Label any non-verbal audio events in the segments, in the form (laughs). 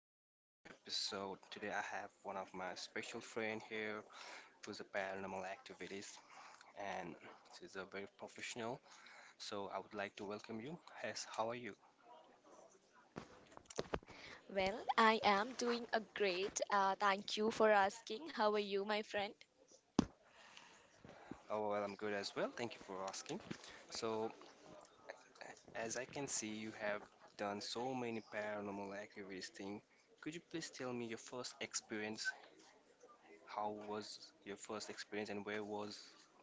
welcome to the new episode. Today I have one of my special friend here who's a paranormal activities and she's a very professional. So I would like to welcome you. Yes, how are you? Well, I am doing a great. Thank you for asking. How are you, my friend? Oh well, I'm good as well. Thank you for asking. So as I can see, you have done so many paranormal activities thing. Could you please tell me your first experience? How was your first experience and where was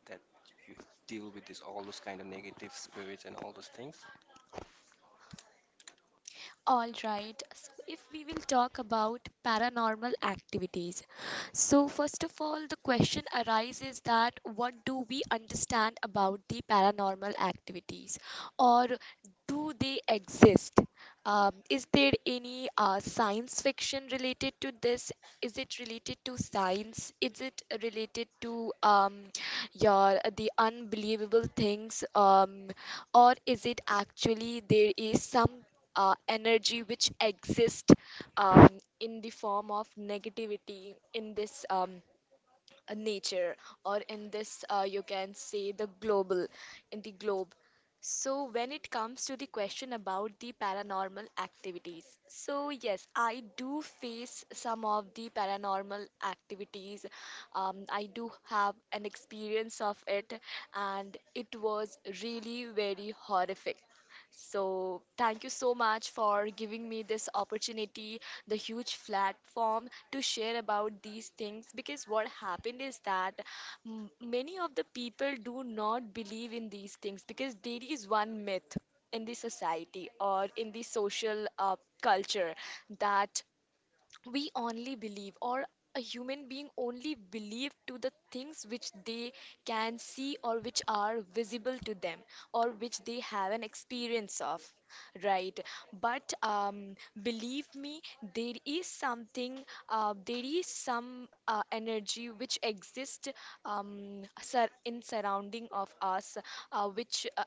that you deal with this all those kind of negative spirits and all those things? All right. So if we will talk about paranormal activities. So first of all, the question arises that what do we understand about the paranormal activities or do they exist? Is there any science fiction related to this? Is it related to science? Is it related to your the unbelievable things or is it actually there is some energy which exists um, in the form of negativity in this nature or in this you can say the global in the globe. So when it comes to the question about the paranormal activities, so yes, I do face some of the paranormal activities. I do have an experience of it, and it was really very horrific. So thank you so much for giving me this opportunity, the huge platform to share about these things, because what happened is that many of the people do not believe in these things because there is one myth in the society or in the social culture, that we only believe, or a human being only believe to the things which they can see, or which are visible to them, or which they have an experience of, right? But believe me, there is something, there is some energy which exists, in surrounding of us, which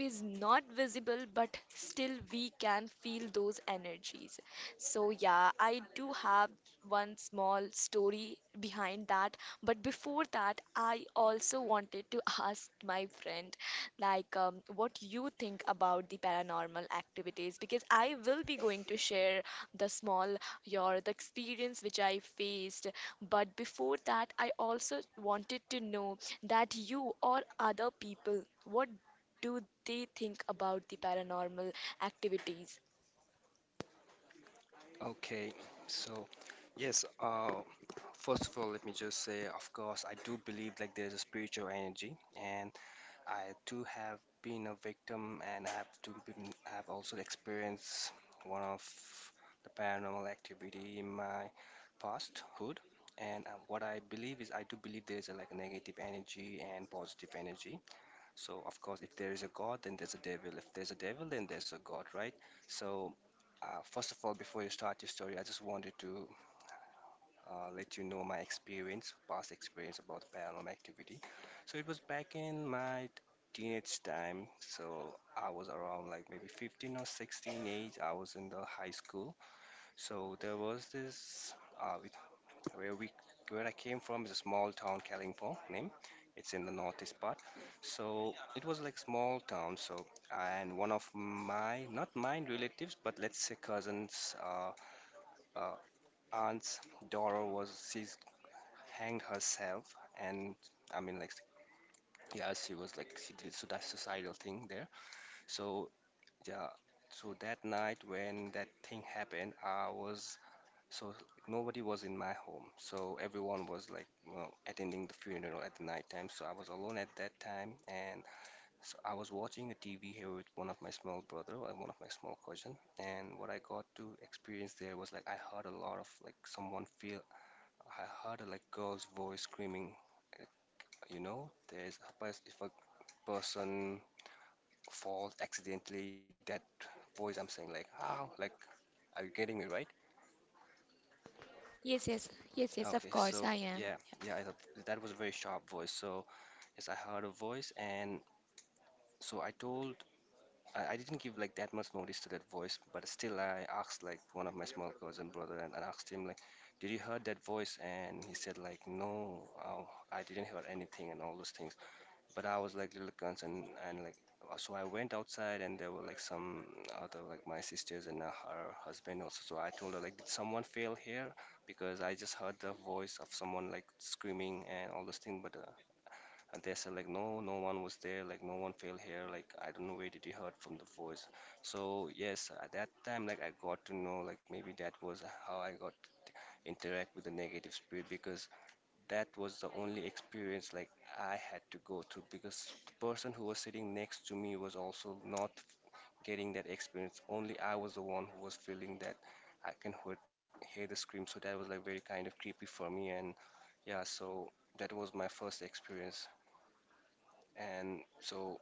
is not visible, but still we can feel those energies. So yeah, I do have one small story behind that, but before that I also wanted to (laughs) ask my friend, like what you think about the paranormal activities, because I will be going to share the small your the experience which I faced. But before that I also wanted to know that you or other people what do they think about the paranormal activities? Okay, so yes, first of all, let me just say, of course, I do believe like there's a spiritual energy, and I too have been a victim, and I have to been, have also experienced one of the paranormal activity in my pasthood. And what I believe is, I do believe there's a, like a negative energy and positive energy. So of course, if there is a God, then there's a devil. If there's a devil, then there's a God, right? So first of all, before you start your story, I just wanted to let you know my experience, past experience about paranormal activity. So it was back in my teenage time. So I was around like maybe 15 or 16 age. I was in the high school. So there was this uh, it, where we where I came from is a small town, Kalimpong, name. It's in the northeast part. So it was like small town. So and one of my not mine relatives, but let's say cousins. Uh, aunt's daughter was she's hanged herself and I mean like yeah she was like she did so that suicidal thing there so yeah so that night when that thing happened I was so nobody was in my home so everyone was like well, attending the funeral at the night time so I was alone at that time and so I was watching a TV here with one of my small brother and one of my small cousin and what I got to experience there was like I heard a lot of like someone feel I heard a like girl's voice screaming, uh, you know, there's a pers if a person falls accidentally, that voice I'm saying like, ow, like, are you getting me right? Yes, yes, yes, yes, of Okay, course so I am. yeah, yeah, that was a very sharp voice. So yes, I heard a voice, and so I told, I didn't give like that much notice to that voice, but still I asked like one of my small cousin brother, and I asked him like, did you heard that voice? And he said like, no, oh, I didn't hear anything, and all those things. But I was like little concerned and like so I went outside and there were like some other like my sisters and her husband also. So I told her like, did someone fail here? Because I just heard the voice of someone like screaming and all those things. But And they said like, no, no one was there. Like no one failed here. Like I don't know where did you heard from the voice. So yes, at that time like I got to know like maybe that was how I got interact with the negative spirit because that was the only experience like I had to go through because the person who was sitting next to me was also not getting that experience. Only I was the one who was feeling that I can hear the scream. So that was like very kind of creepy for me. And yeah, so that was my first experience. And so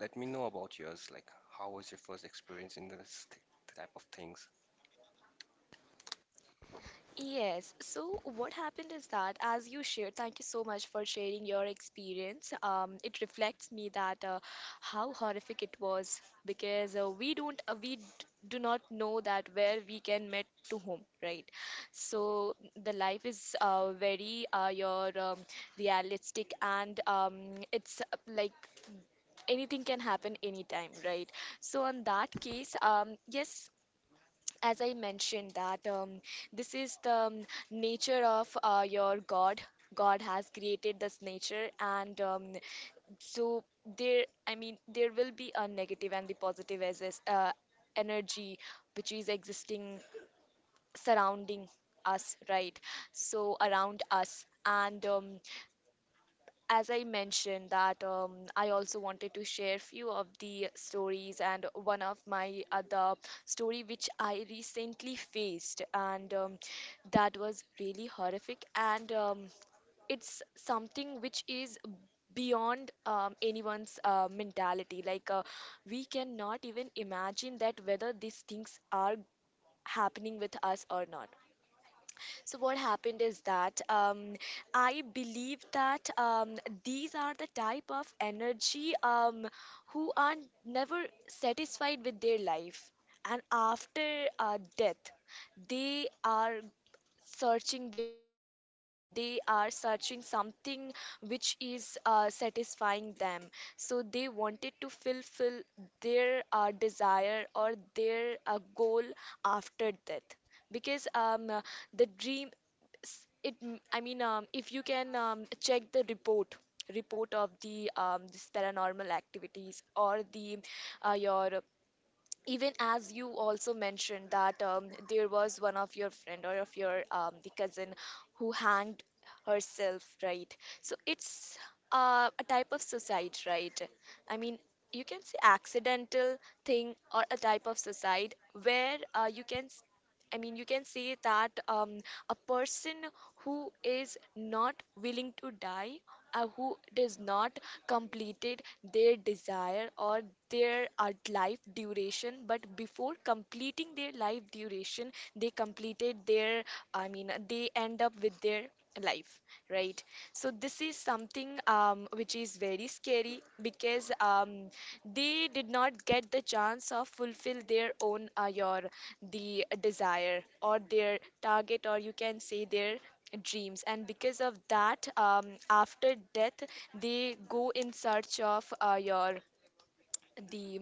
let me know about yours. Like, how was your first experience in this th type of things? Yes. So what happened is that, as you shared, thank you so much for sharing your experience. It reflects me that how horrific it was, because we don't we d- do not know that where we can meet to whom, right? So the life is very your realistic, and it's like anything can happen anytime, right? So on that case, yes, as I mentioned that, this is the nature of your god. God has created this nature, and so there, I mean, there will be a negative and the positive as is, energy which is existing surrounding us, right? So around us, and as I mentioned that, I also wanted to share few of the stories, and one of my other story which I recently faced, and that was really horrific, and it's something which is beyond anyone's mentality, like we cannot even imagine that whether these things are happening with us or not. So what happened is that, I believe that, these are the type of energy, who are never satisfied with their life, and after death, they are searching their satisfaction, they are searching something which is satisfying them. So they wanted to fulfill their desire or their goal after death, because the dream I mean, if you can check the report, report of the this paranormal activities, or the your, even as you also mentioned that, there was one of your friend or of your the cousin who hanged herself, right? So it's a type of suicide, right? I mean, you can say accidental thing or a type of suicide, where you can, I mean, you can say that, a person who is not willing to die, who does not completed their desire or their life duration, but before completing their life duration, they completed their, I mean, they end up with their life, right? So this is something which is very scary, because they did not get the chance of fulfill their own your the desire or their target, or you can say their dreams. And because of that, after death, they go in search of your the,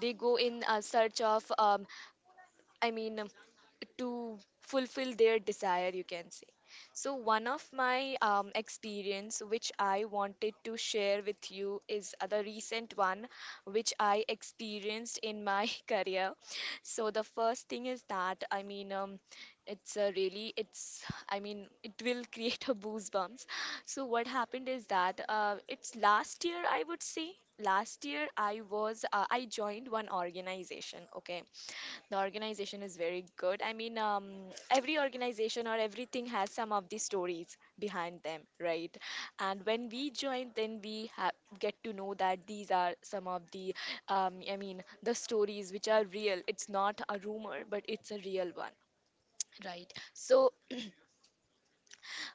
they go in search of I mean, um, to fulfill their desire, you can say. So one of my experience which I wanted to share with you is the recent one, which I experienced in my (laughs) career. So the first thing is that, I mean, it's a really, it's, I mean, it will (laughs) create a goosebumps. So what happened is that, it's last year, I would say. Last last year I was I joined one organization. Okay, the organization is very good. I mean, every organization or everything has some of the stories behind them, right? And when we join, then we get to know that these are some of the, I mean, the stories which are real. It's not a rumor, but it's a real one. Right. So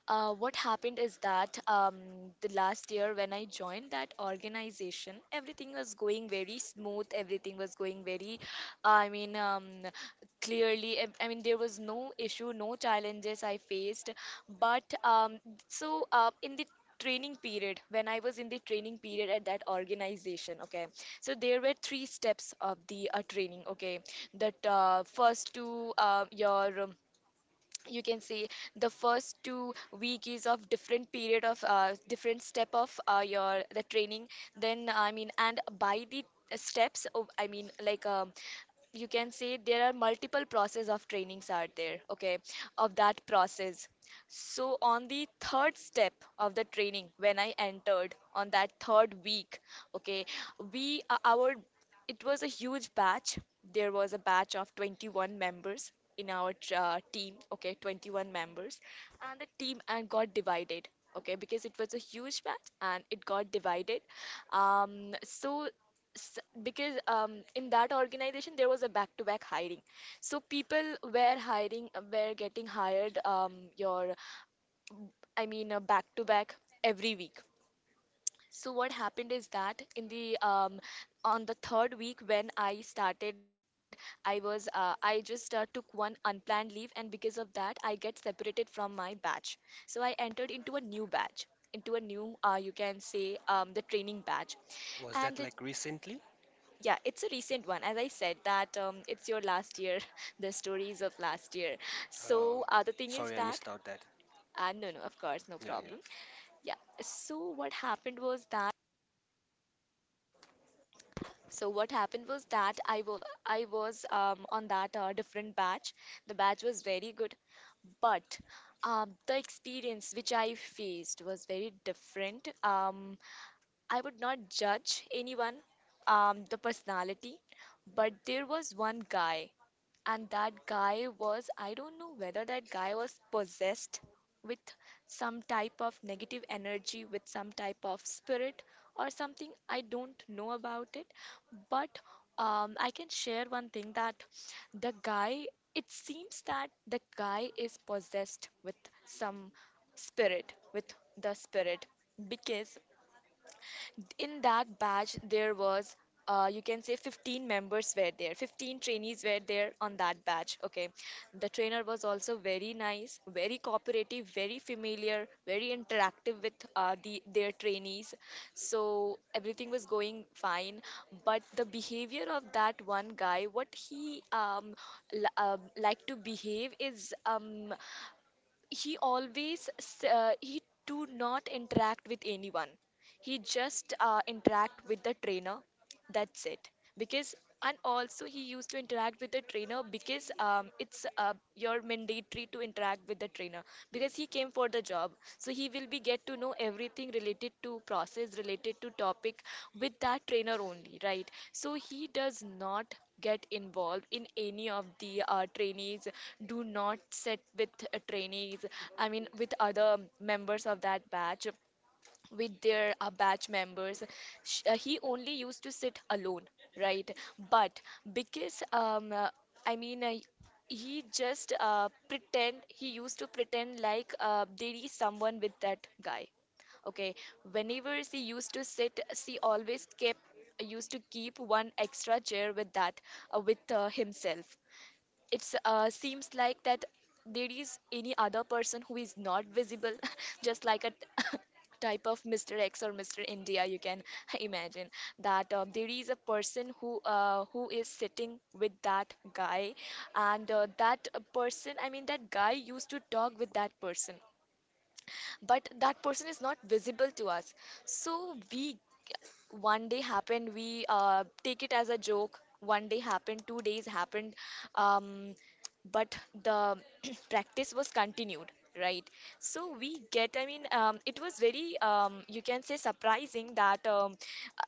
what happened is that, the last year when I joined that organization, everything was going very smooth. Everything was going very, I mean, clearly. I mean, there was no issue, no challenges I faced. But in the training period, when I was in the training period at that organization, okay, so there were three steps of the training, okay, that first to your, you can say, the first 2 weeks is of different period of different step of your the training. Then, I mean, and by the steps of, I mean, like, you can say, there are multiple process of trainings are there, okay, of that process. So on the third step of the training, when I entered on that third week, okay, we our, it was a huge batch. There was a batch of 21 members in our team, okay, 21 members, and the team and got divided, okay, because it was a huge batch and it got divided. Um, so because in that organization there was a back-to-back hiring, so people were hiring, were getting hired, your, I mean, back-to-back every week. So what happened is that in the on the third week when I started, I was I just took one unplanned leave, and because of that, I get separated from my batch. So I entered into a new batch, into a new you can say, the training batch, Was and that it, like recently? yeah, it's a recent one. As I said that, it's your last year, (laughs) the stories of last year. Oh, So the thing is sorry, I that, missed out that. No no, of course, no Yeah, yeah. problem. Yeah. So what happened was that. So what happened was that I was on that different batch. The batch was very good, but the experience which I faced was very different. I would not judge anyone, the personality, but there was one guy, and that guy was, I don't know whether that guy was possessed with some type of negative energy, with some type of spirit or something. I don't know about it, but I can share one thing that the guy, it seems that the guy is possessed with some spirit, with the spirit, because in that batch there was, you can say, 15 members were there, 15 trainees were there on that batch. Okay. The trainer was also very nice, very cooperative, very familiar, very interactive with the, their trainees. So everything was going fine. But the behavior of that one guy, what he like to behave is, um, he do not interact with anyone, he just interact with the trainer, that's it. Because, and also he used to interact with the trainer because it's your mandatory to interact with the trainer, because he came for the job. So he will be get to know everything related to process, related to topic with that trainer only, right? So he does not get involved in any of the trainees, do not sit with trainees, I mean with other members of that batch, with their batch members. He only used to sit alone, right? But because I mean, he just pretend he used to pretend like there is someone with that guy. Okay, whenever she used to sit, she always kept used to keep one extra chair with that with himself. It seems like that there is any other person who is not visible, (laughs) just like a (laughs) type of Mr. X or Mr. India. You can (laughs) imagine that there is a person who who is sitting with that guy, and that person, I mean that guy used to talk with that person, but that person is not visible to us. So we one day happened, we take it as a joke, one day happened, 2 days happened, um, but the (clears throat) practice was continued, right? So we get, I mean, it was very, you can say, surprising that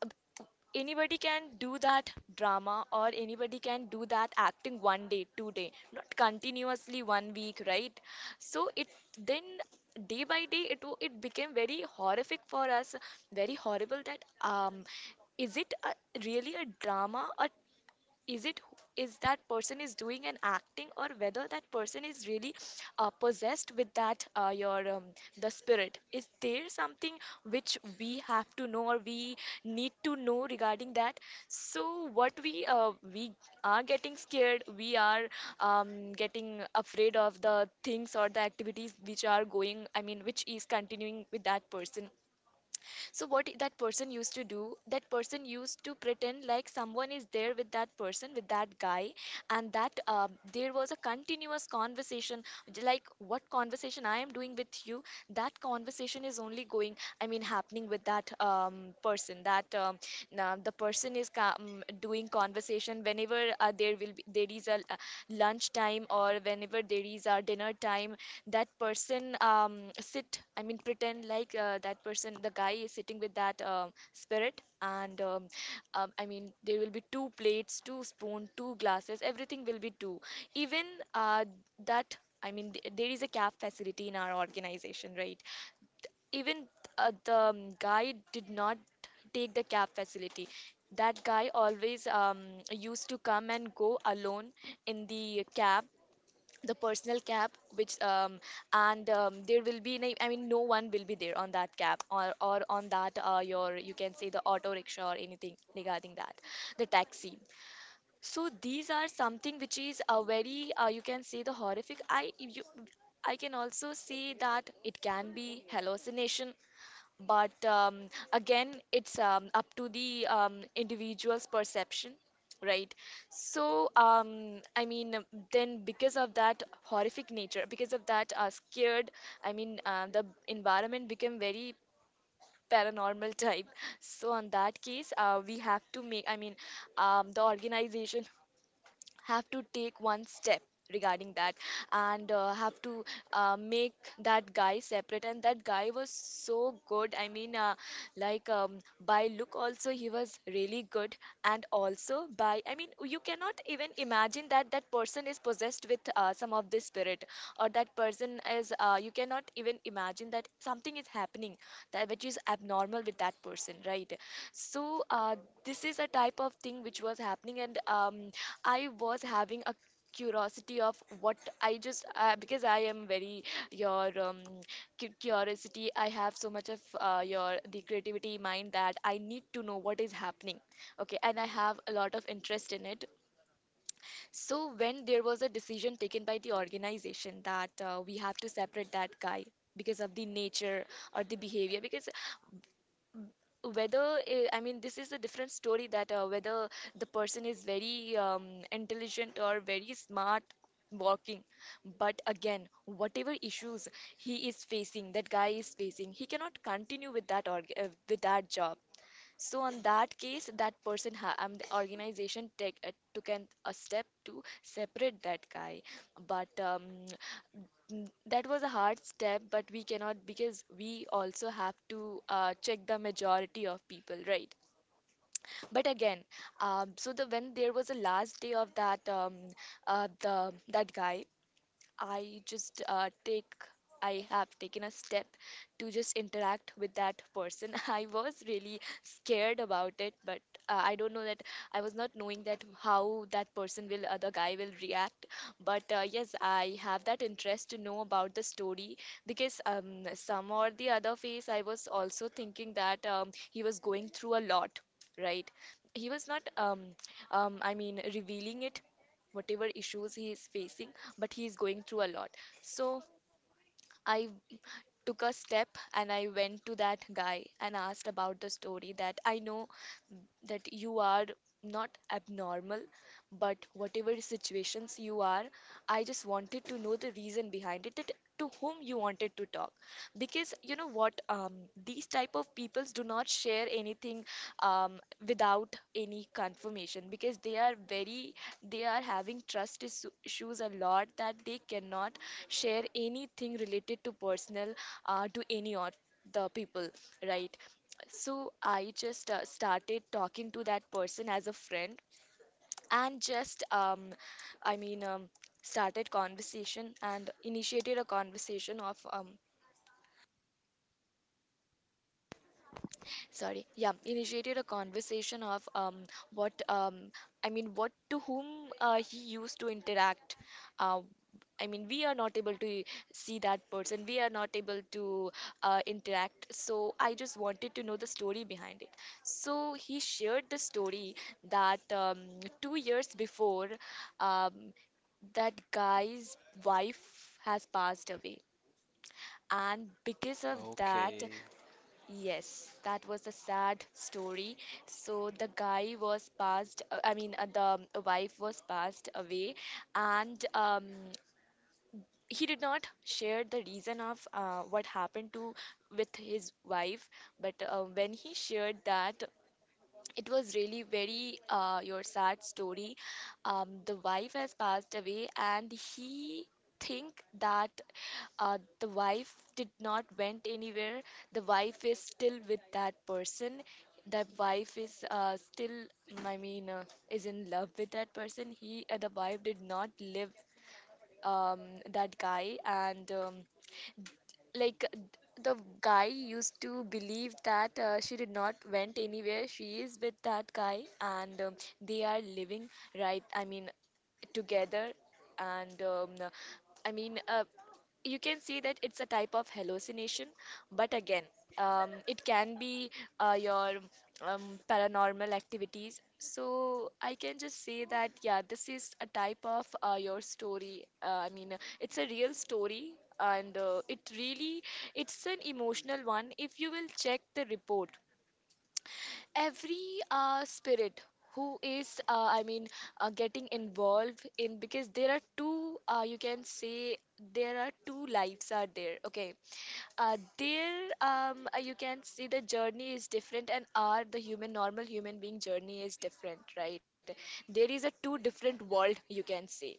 uh, anybody can do that drama or anybody can do that acting one day, two day, not continuously one week, right? So it then Day by day it it became very horrific for us, very horrible. That, um, is it a, really a drama, a, is it, is that person is doing and acting, or whether that person is really possessed with that your the spirit, is there something which we have to know, or we need to know regarding that? So what we are getting scared, we are, getting afraid of the things or the activities which are going, I mean which is continuing with that person. So what that person used to do, that person used to pretend like someone is there with that person, with that guy, and that there was a continuous conversation, like what conversation I am doing with you, that conversation is only going, I mean, happening with that, person. That, the person is doing conversation whenever, there will be, there is a, lunch time, or whenever there is a dinner time, that person, sit, I mean pretend like, that person, the guy is sitting with that, spirit. And I mean, there will be two plates, two spoon, two glasses, everything will be two. Even uh, that I mean, there is a caf facility in our organization, right? Even, the, guy did not take the cab facility. That guy always, used to come and go alone in the cab, the personal cab, which, um, and there will be I mean no one will be there on that cab, or on that, your, you can say, the auto rickshaw or anything regarding that, the taxi. So these are something which is a very, you can say the horrific, I you I can also say that it can be hallucination. But, again, it's, up to the, individual's perception, right? So, I mean, then because of that horrific nature, because of that, scared, I mean, the environment became very paranormal (laughs) type. So, on that case, we have to make, I mean, the organization have to take one step regarding that, and have to, make that guy separate. And that guy was so good, I mean, like, by look also he was really good. And also by, I mean, you cannot even imagine that that person is possessed with, some of this spirit, or that person is, you cannot even imagine that something is happening, that which is abnormal with that person, right? So, this is a type of thing which was happening. And I was having a curiosity of what I just, because I am very, your, curiosity. I have so much of, your, the creativity mind, that I need to know what is happening. Okay, and I have a lot of interest in it. So when there was a decision taken by the organization that, we have to separate that guy because of the nature or the behavior. Because whether, eh, I mean this is a different story, that, whether the person is very, intelligent or very smart walking, but again, whatever issues he is facing, that guy is facing, he cannot continue with that with that job. So on that case, that person, the organization take, took a step to separate that guy. But, that was a hard step, but we cannot, because we also have to, check the majority of people, right? But again, so the when there was a last day of that, the that guy, I just, take I have taken a step to just interact with that person. (laughs) I was really scared about it, but, I don't know that, I was not knowing that how that person will, the guy will react. But, yes, I have that interest to know about the story, because, some or the other phase, I was also thinking that, he was going through a lot, right? He was not, I mean, revealing it, whatever issues he is facing, but he is going through a lot. So I took a step, and I went to that guy and asked about the story. That I know that you are not abnormal, but whatever situations you are, I just wanted to know the reason behind it, that to whom you wanted to talk. Because you know what, these type of peoples do not share anything, um, without any confirmation, because they are very, they are having trust issues a lot, that they cannot share anything related to personal, to any of the people, right? So I just, started talking to that person as a friend, and just, I mean, started conversation and initiated a conversation of, sorry, yeah, initiated a conversation of, what, I mean what, to whom, he used to interact, uh, I mean we are not able to see that person, we are not able to, interact, so I just wanted to know the story behind it. So he shared the story, that, 2 years before, um, that guy's wife has passed away, and because of that. Okay. Yes, that was a sad story. So the guy was passed, I mean, the, wife was passed away, and, he did not share the reason of, what happened to, with his wife. But, when he shared that, it was really very, your sad story. Um, the wife has passed away, and he think that, the wife did not went anywhere, the wife is still with that person, the wife is, still, I mean, is in love with that person, he, the wife did not live, um, that guy, and like th- the guy used to believe that, she did not went anywhere, she is with that guy, and they are living, right, I mean, together. And I mean, you can see that it's a type of hallucination, but again, it can be, your, um, paranormal activities. So I can just say that, yeah, this is a type of, your story, I mean, it's a real story. And, it really, it's an emotional one. If you will check the report, every, spirit who is, I mean, getting involved in, because there are two, you can say, there are two lives are there, okay. Uh, there, you can see the journey is different, and our the human, normal human being journey is different, right? There is a two different world, you can say.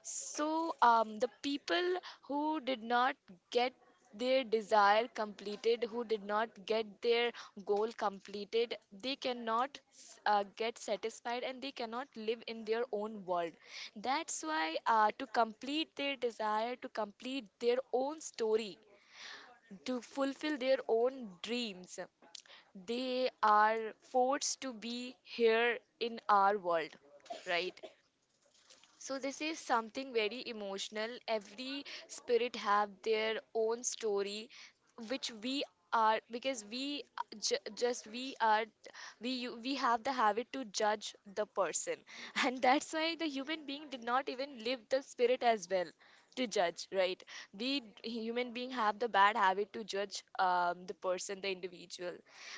So, the people who did not get their desire completed, who did not get their goal completed, they cannot, get satisfied, and they cannot live in their own world. That's why, to complete their desire, to complete their own story, to fulfill their own dreams, they are forced to be here in our world, right? So this is something very emotional. Every spirit have their own story, which we are, because we just we are, we we have the habit to judge the person, (laughs) and that's why the human being did not even live the spirit as well to judge, right? We human being have the bad habit to judge, the person, the individual,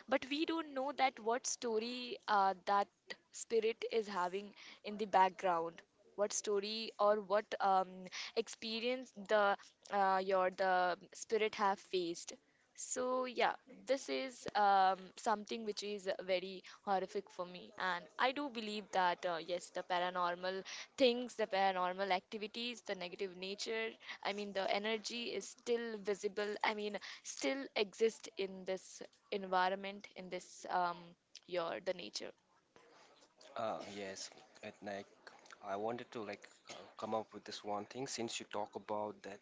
but we don't know that what story, that spirit is having in the background, what story, or what, experience the, your, the spirit have faced. So yeah, this is, something which is very horrific for me, and I do believe that, yes, the paranormal things, the paranormal activities, the negative nature, I mean the energy is still visible, I mean still exist in this environment, in this, your, the nature. Yes, at night. I wanted to like come up with this one thing since you talk about that.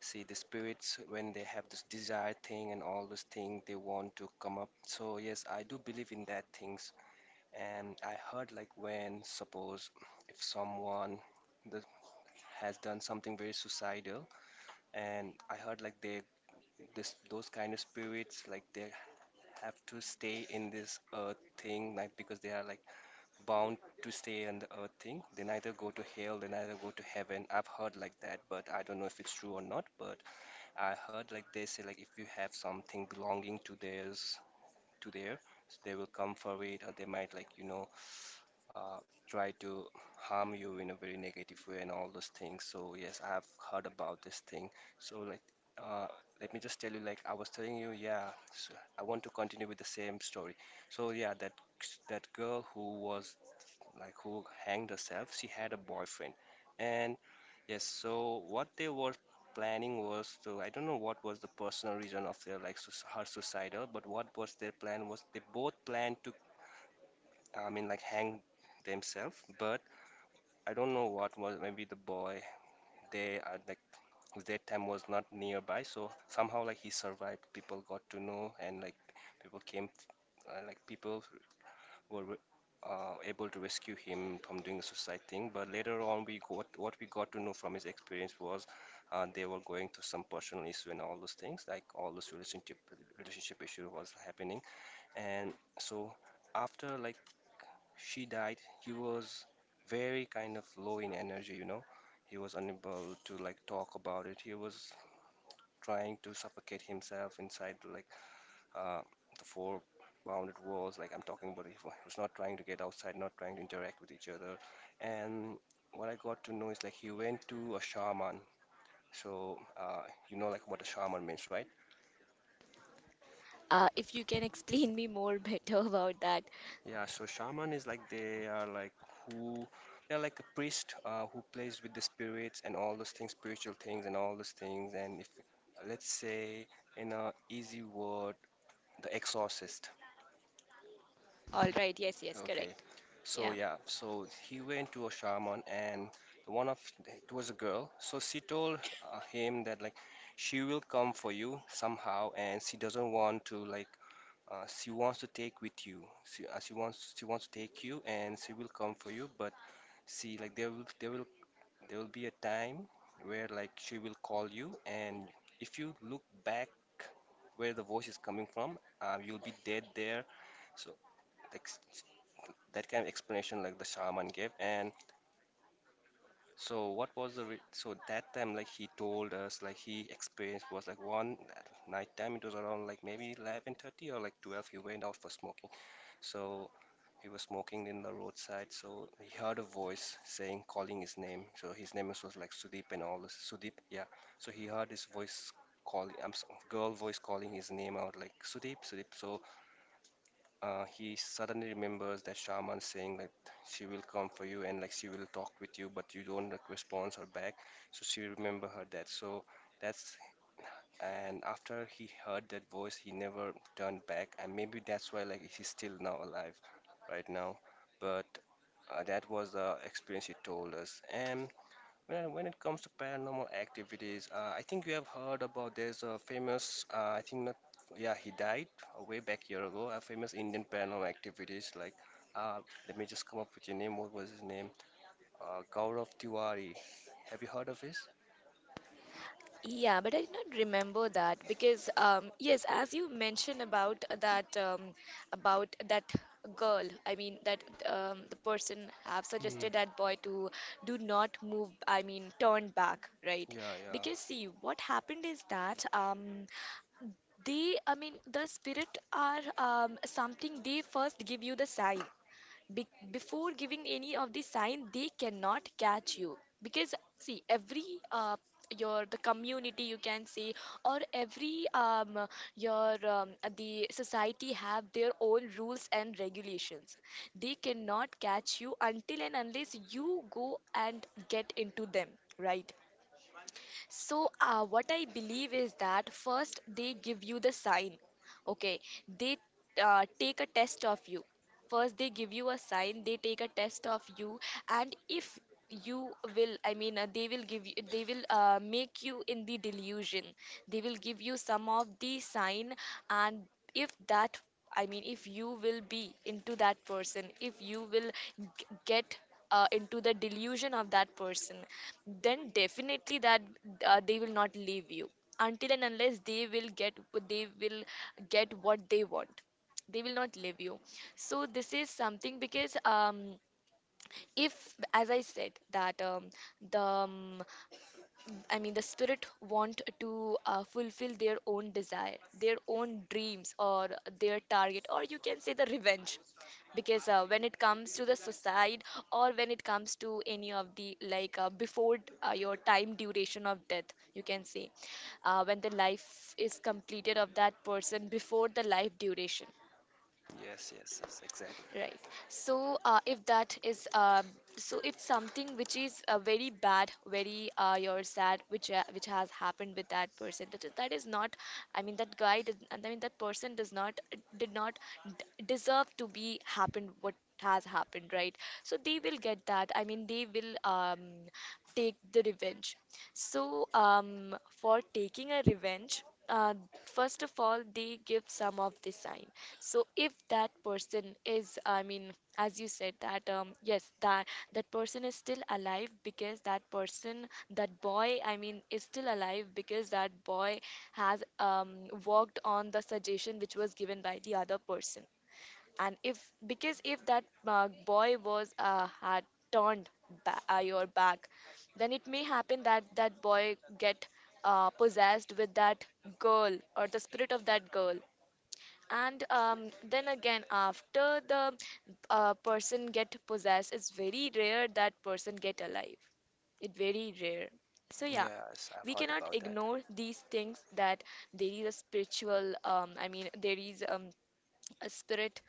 See, the spirits when they have this desire thing and all this thing they want to come up. So yes, I do believe in that things. And I heard like when suppose if someone that has done something very suicidal, and I heard like they this those kind of spirits like they have to stay in this earth thing like because they are like bound to stay on the earth thing. They neither go to hell, they neither go to heaven. I've heard like that, but I don't know if it's true or not. But I heard like they say like if you have something belonging to theirs, to their, they will come for it, or they might like you know try to harm you in a very negative way and all those things. So yes, I've heard about this thing. So like. Uh, Let me just tell you, like I was telling you, yeah. So I want to continue with the same story. So yeah, that girl who was like who hanged herself. She had a boyfriend, and yes, so what they were planning was to I don't know what was the personal reason of their like her suicidal, but what was their plan was they both planned to I mean like hang themselves, but I don't know what was maybe the boy they are like that time was not nearby, so somehow like he survived. People got to know and like people came like people were able to rescue him from doing a suicide thing. But later on, we got what we got to know from his experience was they were going through some personal issue and all those things, like all those relationship issue was happening. And so after like she died, he was very kind of low in energy, you know. He was unable to like talk about it. He was trying to suffocate himself inside like uh, the four bounded walls like I'm talking about he was not trying to get outside not trying to interact with each other and what I got to know is like he went to a shaman so you know like what a shaman means right? If you can (laughs) explain me more better about that, Yeah so shaman is like they are like who they're like a priest who plays with the spirits and all those things spiritual things and all those things and if let's say in a easy word the exorcist. all right. Yes, yes, Okay. correct. So Yeah. yeah, so he went to a shaman and one of it was a girl. So she told him that like she will come for you somehow and she doesn't want to like she wants to take with you. She wants to take you and she will come for you, but see like there will be a time where like she will call you and if you look back where the voice is coming from, you'll be dead there. So like that kind of explanation like the shaman gave and so what was so that time like he told us like he experienced was like one night time it was around like maybe 11:30 or like 12 he went out for smoking so he was smoking in the roadside so he heard a voice saying calling his name so his name was like Sudeep and all this Sudeep yeah so he heard his voice calling girl voice calling his name out like Sudeep Sudeep so he suddenly remembers that shaman saying that she will come for you and like she will talk with you but you don't like, response her back so she remember her death so that's and after he heard that voice he never turned back and maybe that's why like he's still now alive right now but that was the experience he told us and well, when it comes to paranormal activities, I think you have heard about there's a famous, I think not, yeah, he died a way back year ago, a famous Indian paranormal activities like, uh, let me just come up with your name. What was his name? Gaurav Tiwari. Have you heard of his? Yeah, but I did not remember that because yes, as you mentioned about that girl, I mean that the person have Hmm. suggested that boy to do not move, I mean turn back, right? Yeah, yeah. Because see, what happened is that they, I mean the spirit are something they first give you the sign. Before giving any of the sign, they cannot catch you because see every uh, your the community you can say, or every your the society have their own rules and regulations. They cannot catch you until and unless you go and get into them, right? So, what I believe is that first they give you the sign. Okay, they take a test of you. First, they give you a sign, they take a test of you, and if you will, I mean, they will give you, they will make you in the delusion. They will give you some of the sign, and if that, I mean, if you will be into that person, if you will get into the delusion of that person, then definitely that, they will not leave you until and unless they will get, they will get what they want. They will not leave you. So this is something because if as I said that the I mean, the spirit want to fulfill their own desire, their own dreams, or their target, or you can say the revenge. Because when it comes to the suicide, or when it comes to any of the like before your time duration of death, you can say, when the life is completed of that person before the life duration. Yes, yes, yes, exactly. Right. So, if that is, so it's something which is very bad, very you're sad, which has happened with that person. That is, that is not. I mean, that guy did. I mean, that person does not, did not deserve to be happened. What has happened, right? So they will get that. I mean, they will take the revenge. So, for taking a revenge, uh, first of all, they give some of the sign. So, if that person is, I mean, as you said that, yes, that person is still alive because that person, that boy, I mean, is still alive because that boy has worked on the suggestion which was given by the other person. And if, because if that boy was had turned your back, then it may happen that that boy get possessed with that girl, or the spirit of that girl. And then again, after the person get possessed, it's very rare that person get alive. It very rare. So yeah, Yes, I've we heard cannot about that. ignore these things, that there is a spiritual, I mean, there is a spirit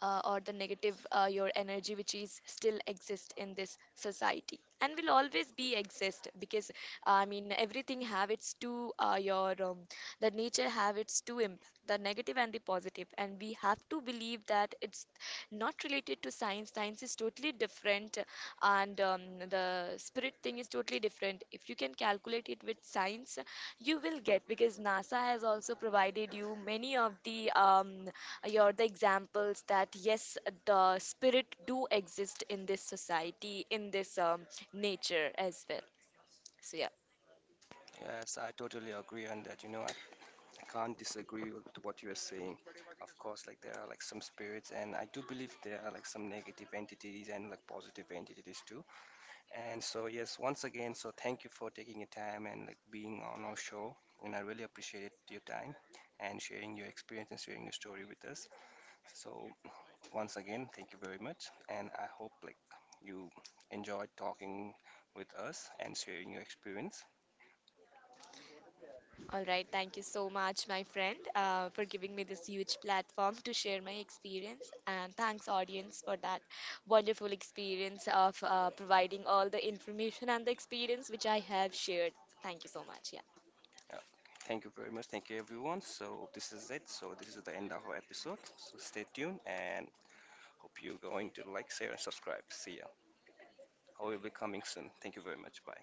or the negative your energy which is still exist in this society and will always be exist. Because I mean, everything have its two, your the nature have its two impact, the negative and the positive, and we have to believe that it's not related to science. Science is totally different. And the spirit thing is totally different. If you can calculate it with science, you will get, because NASA has also provided you many of the you're the examples that yes, the spirit do exist in this society, in this nature as well. So yeah. Yes, I totally agree on that. You know, I can't disagree with what you're saying. Of course, like there are like some spirits, and I do believe there are like some negative entities and like positive entities too. And so, yes, once again, so thank you for taking your time and like being on our show. And I really appreciate your time and sharing your experience and sharing your story with us. So, once again, thank you very much. And I hope like you enjoyed talking with us and sharing your experience. All right, thank you so much, my friend, for giving me this huge platform to share my experience. And thanks, audience, for that wonderful experience of providing all the information and the experience which I have shared. Thank you so much. Yeah. Uh, Thank you very much. Thank you, everyone. So this is it. So this is the end of our episode. So stay tuned and hope you're going to like, share, and subscribe. See ya. I will be coming soon. Thank you very much. Bye.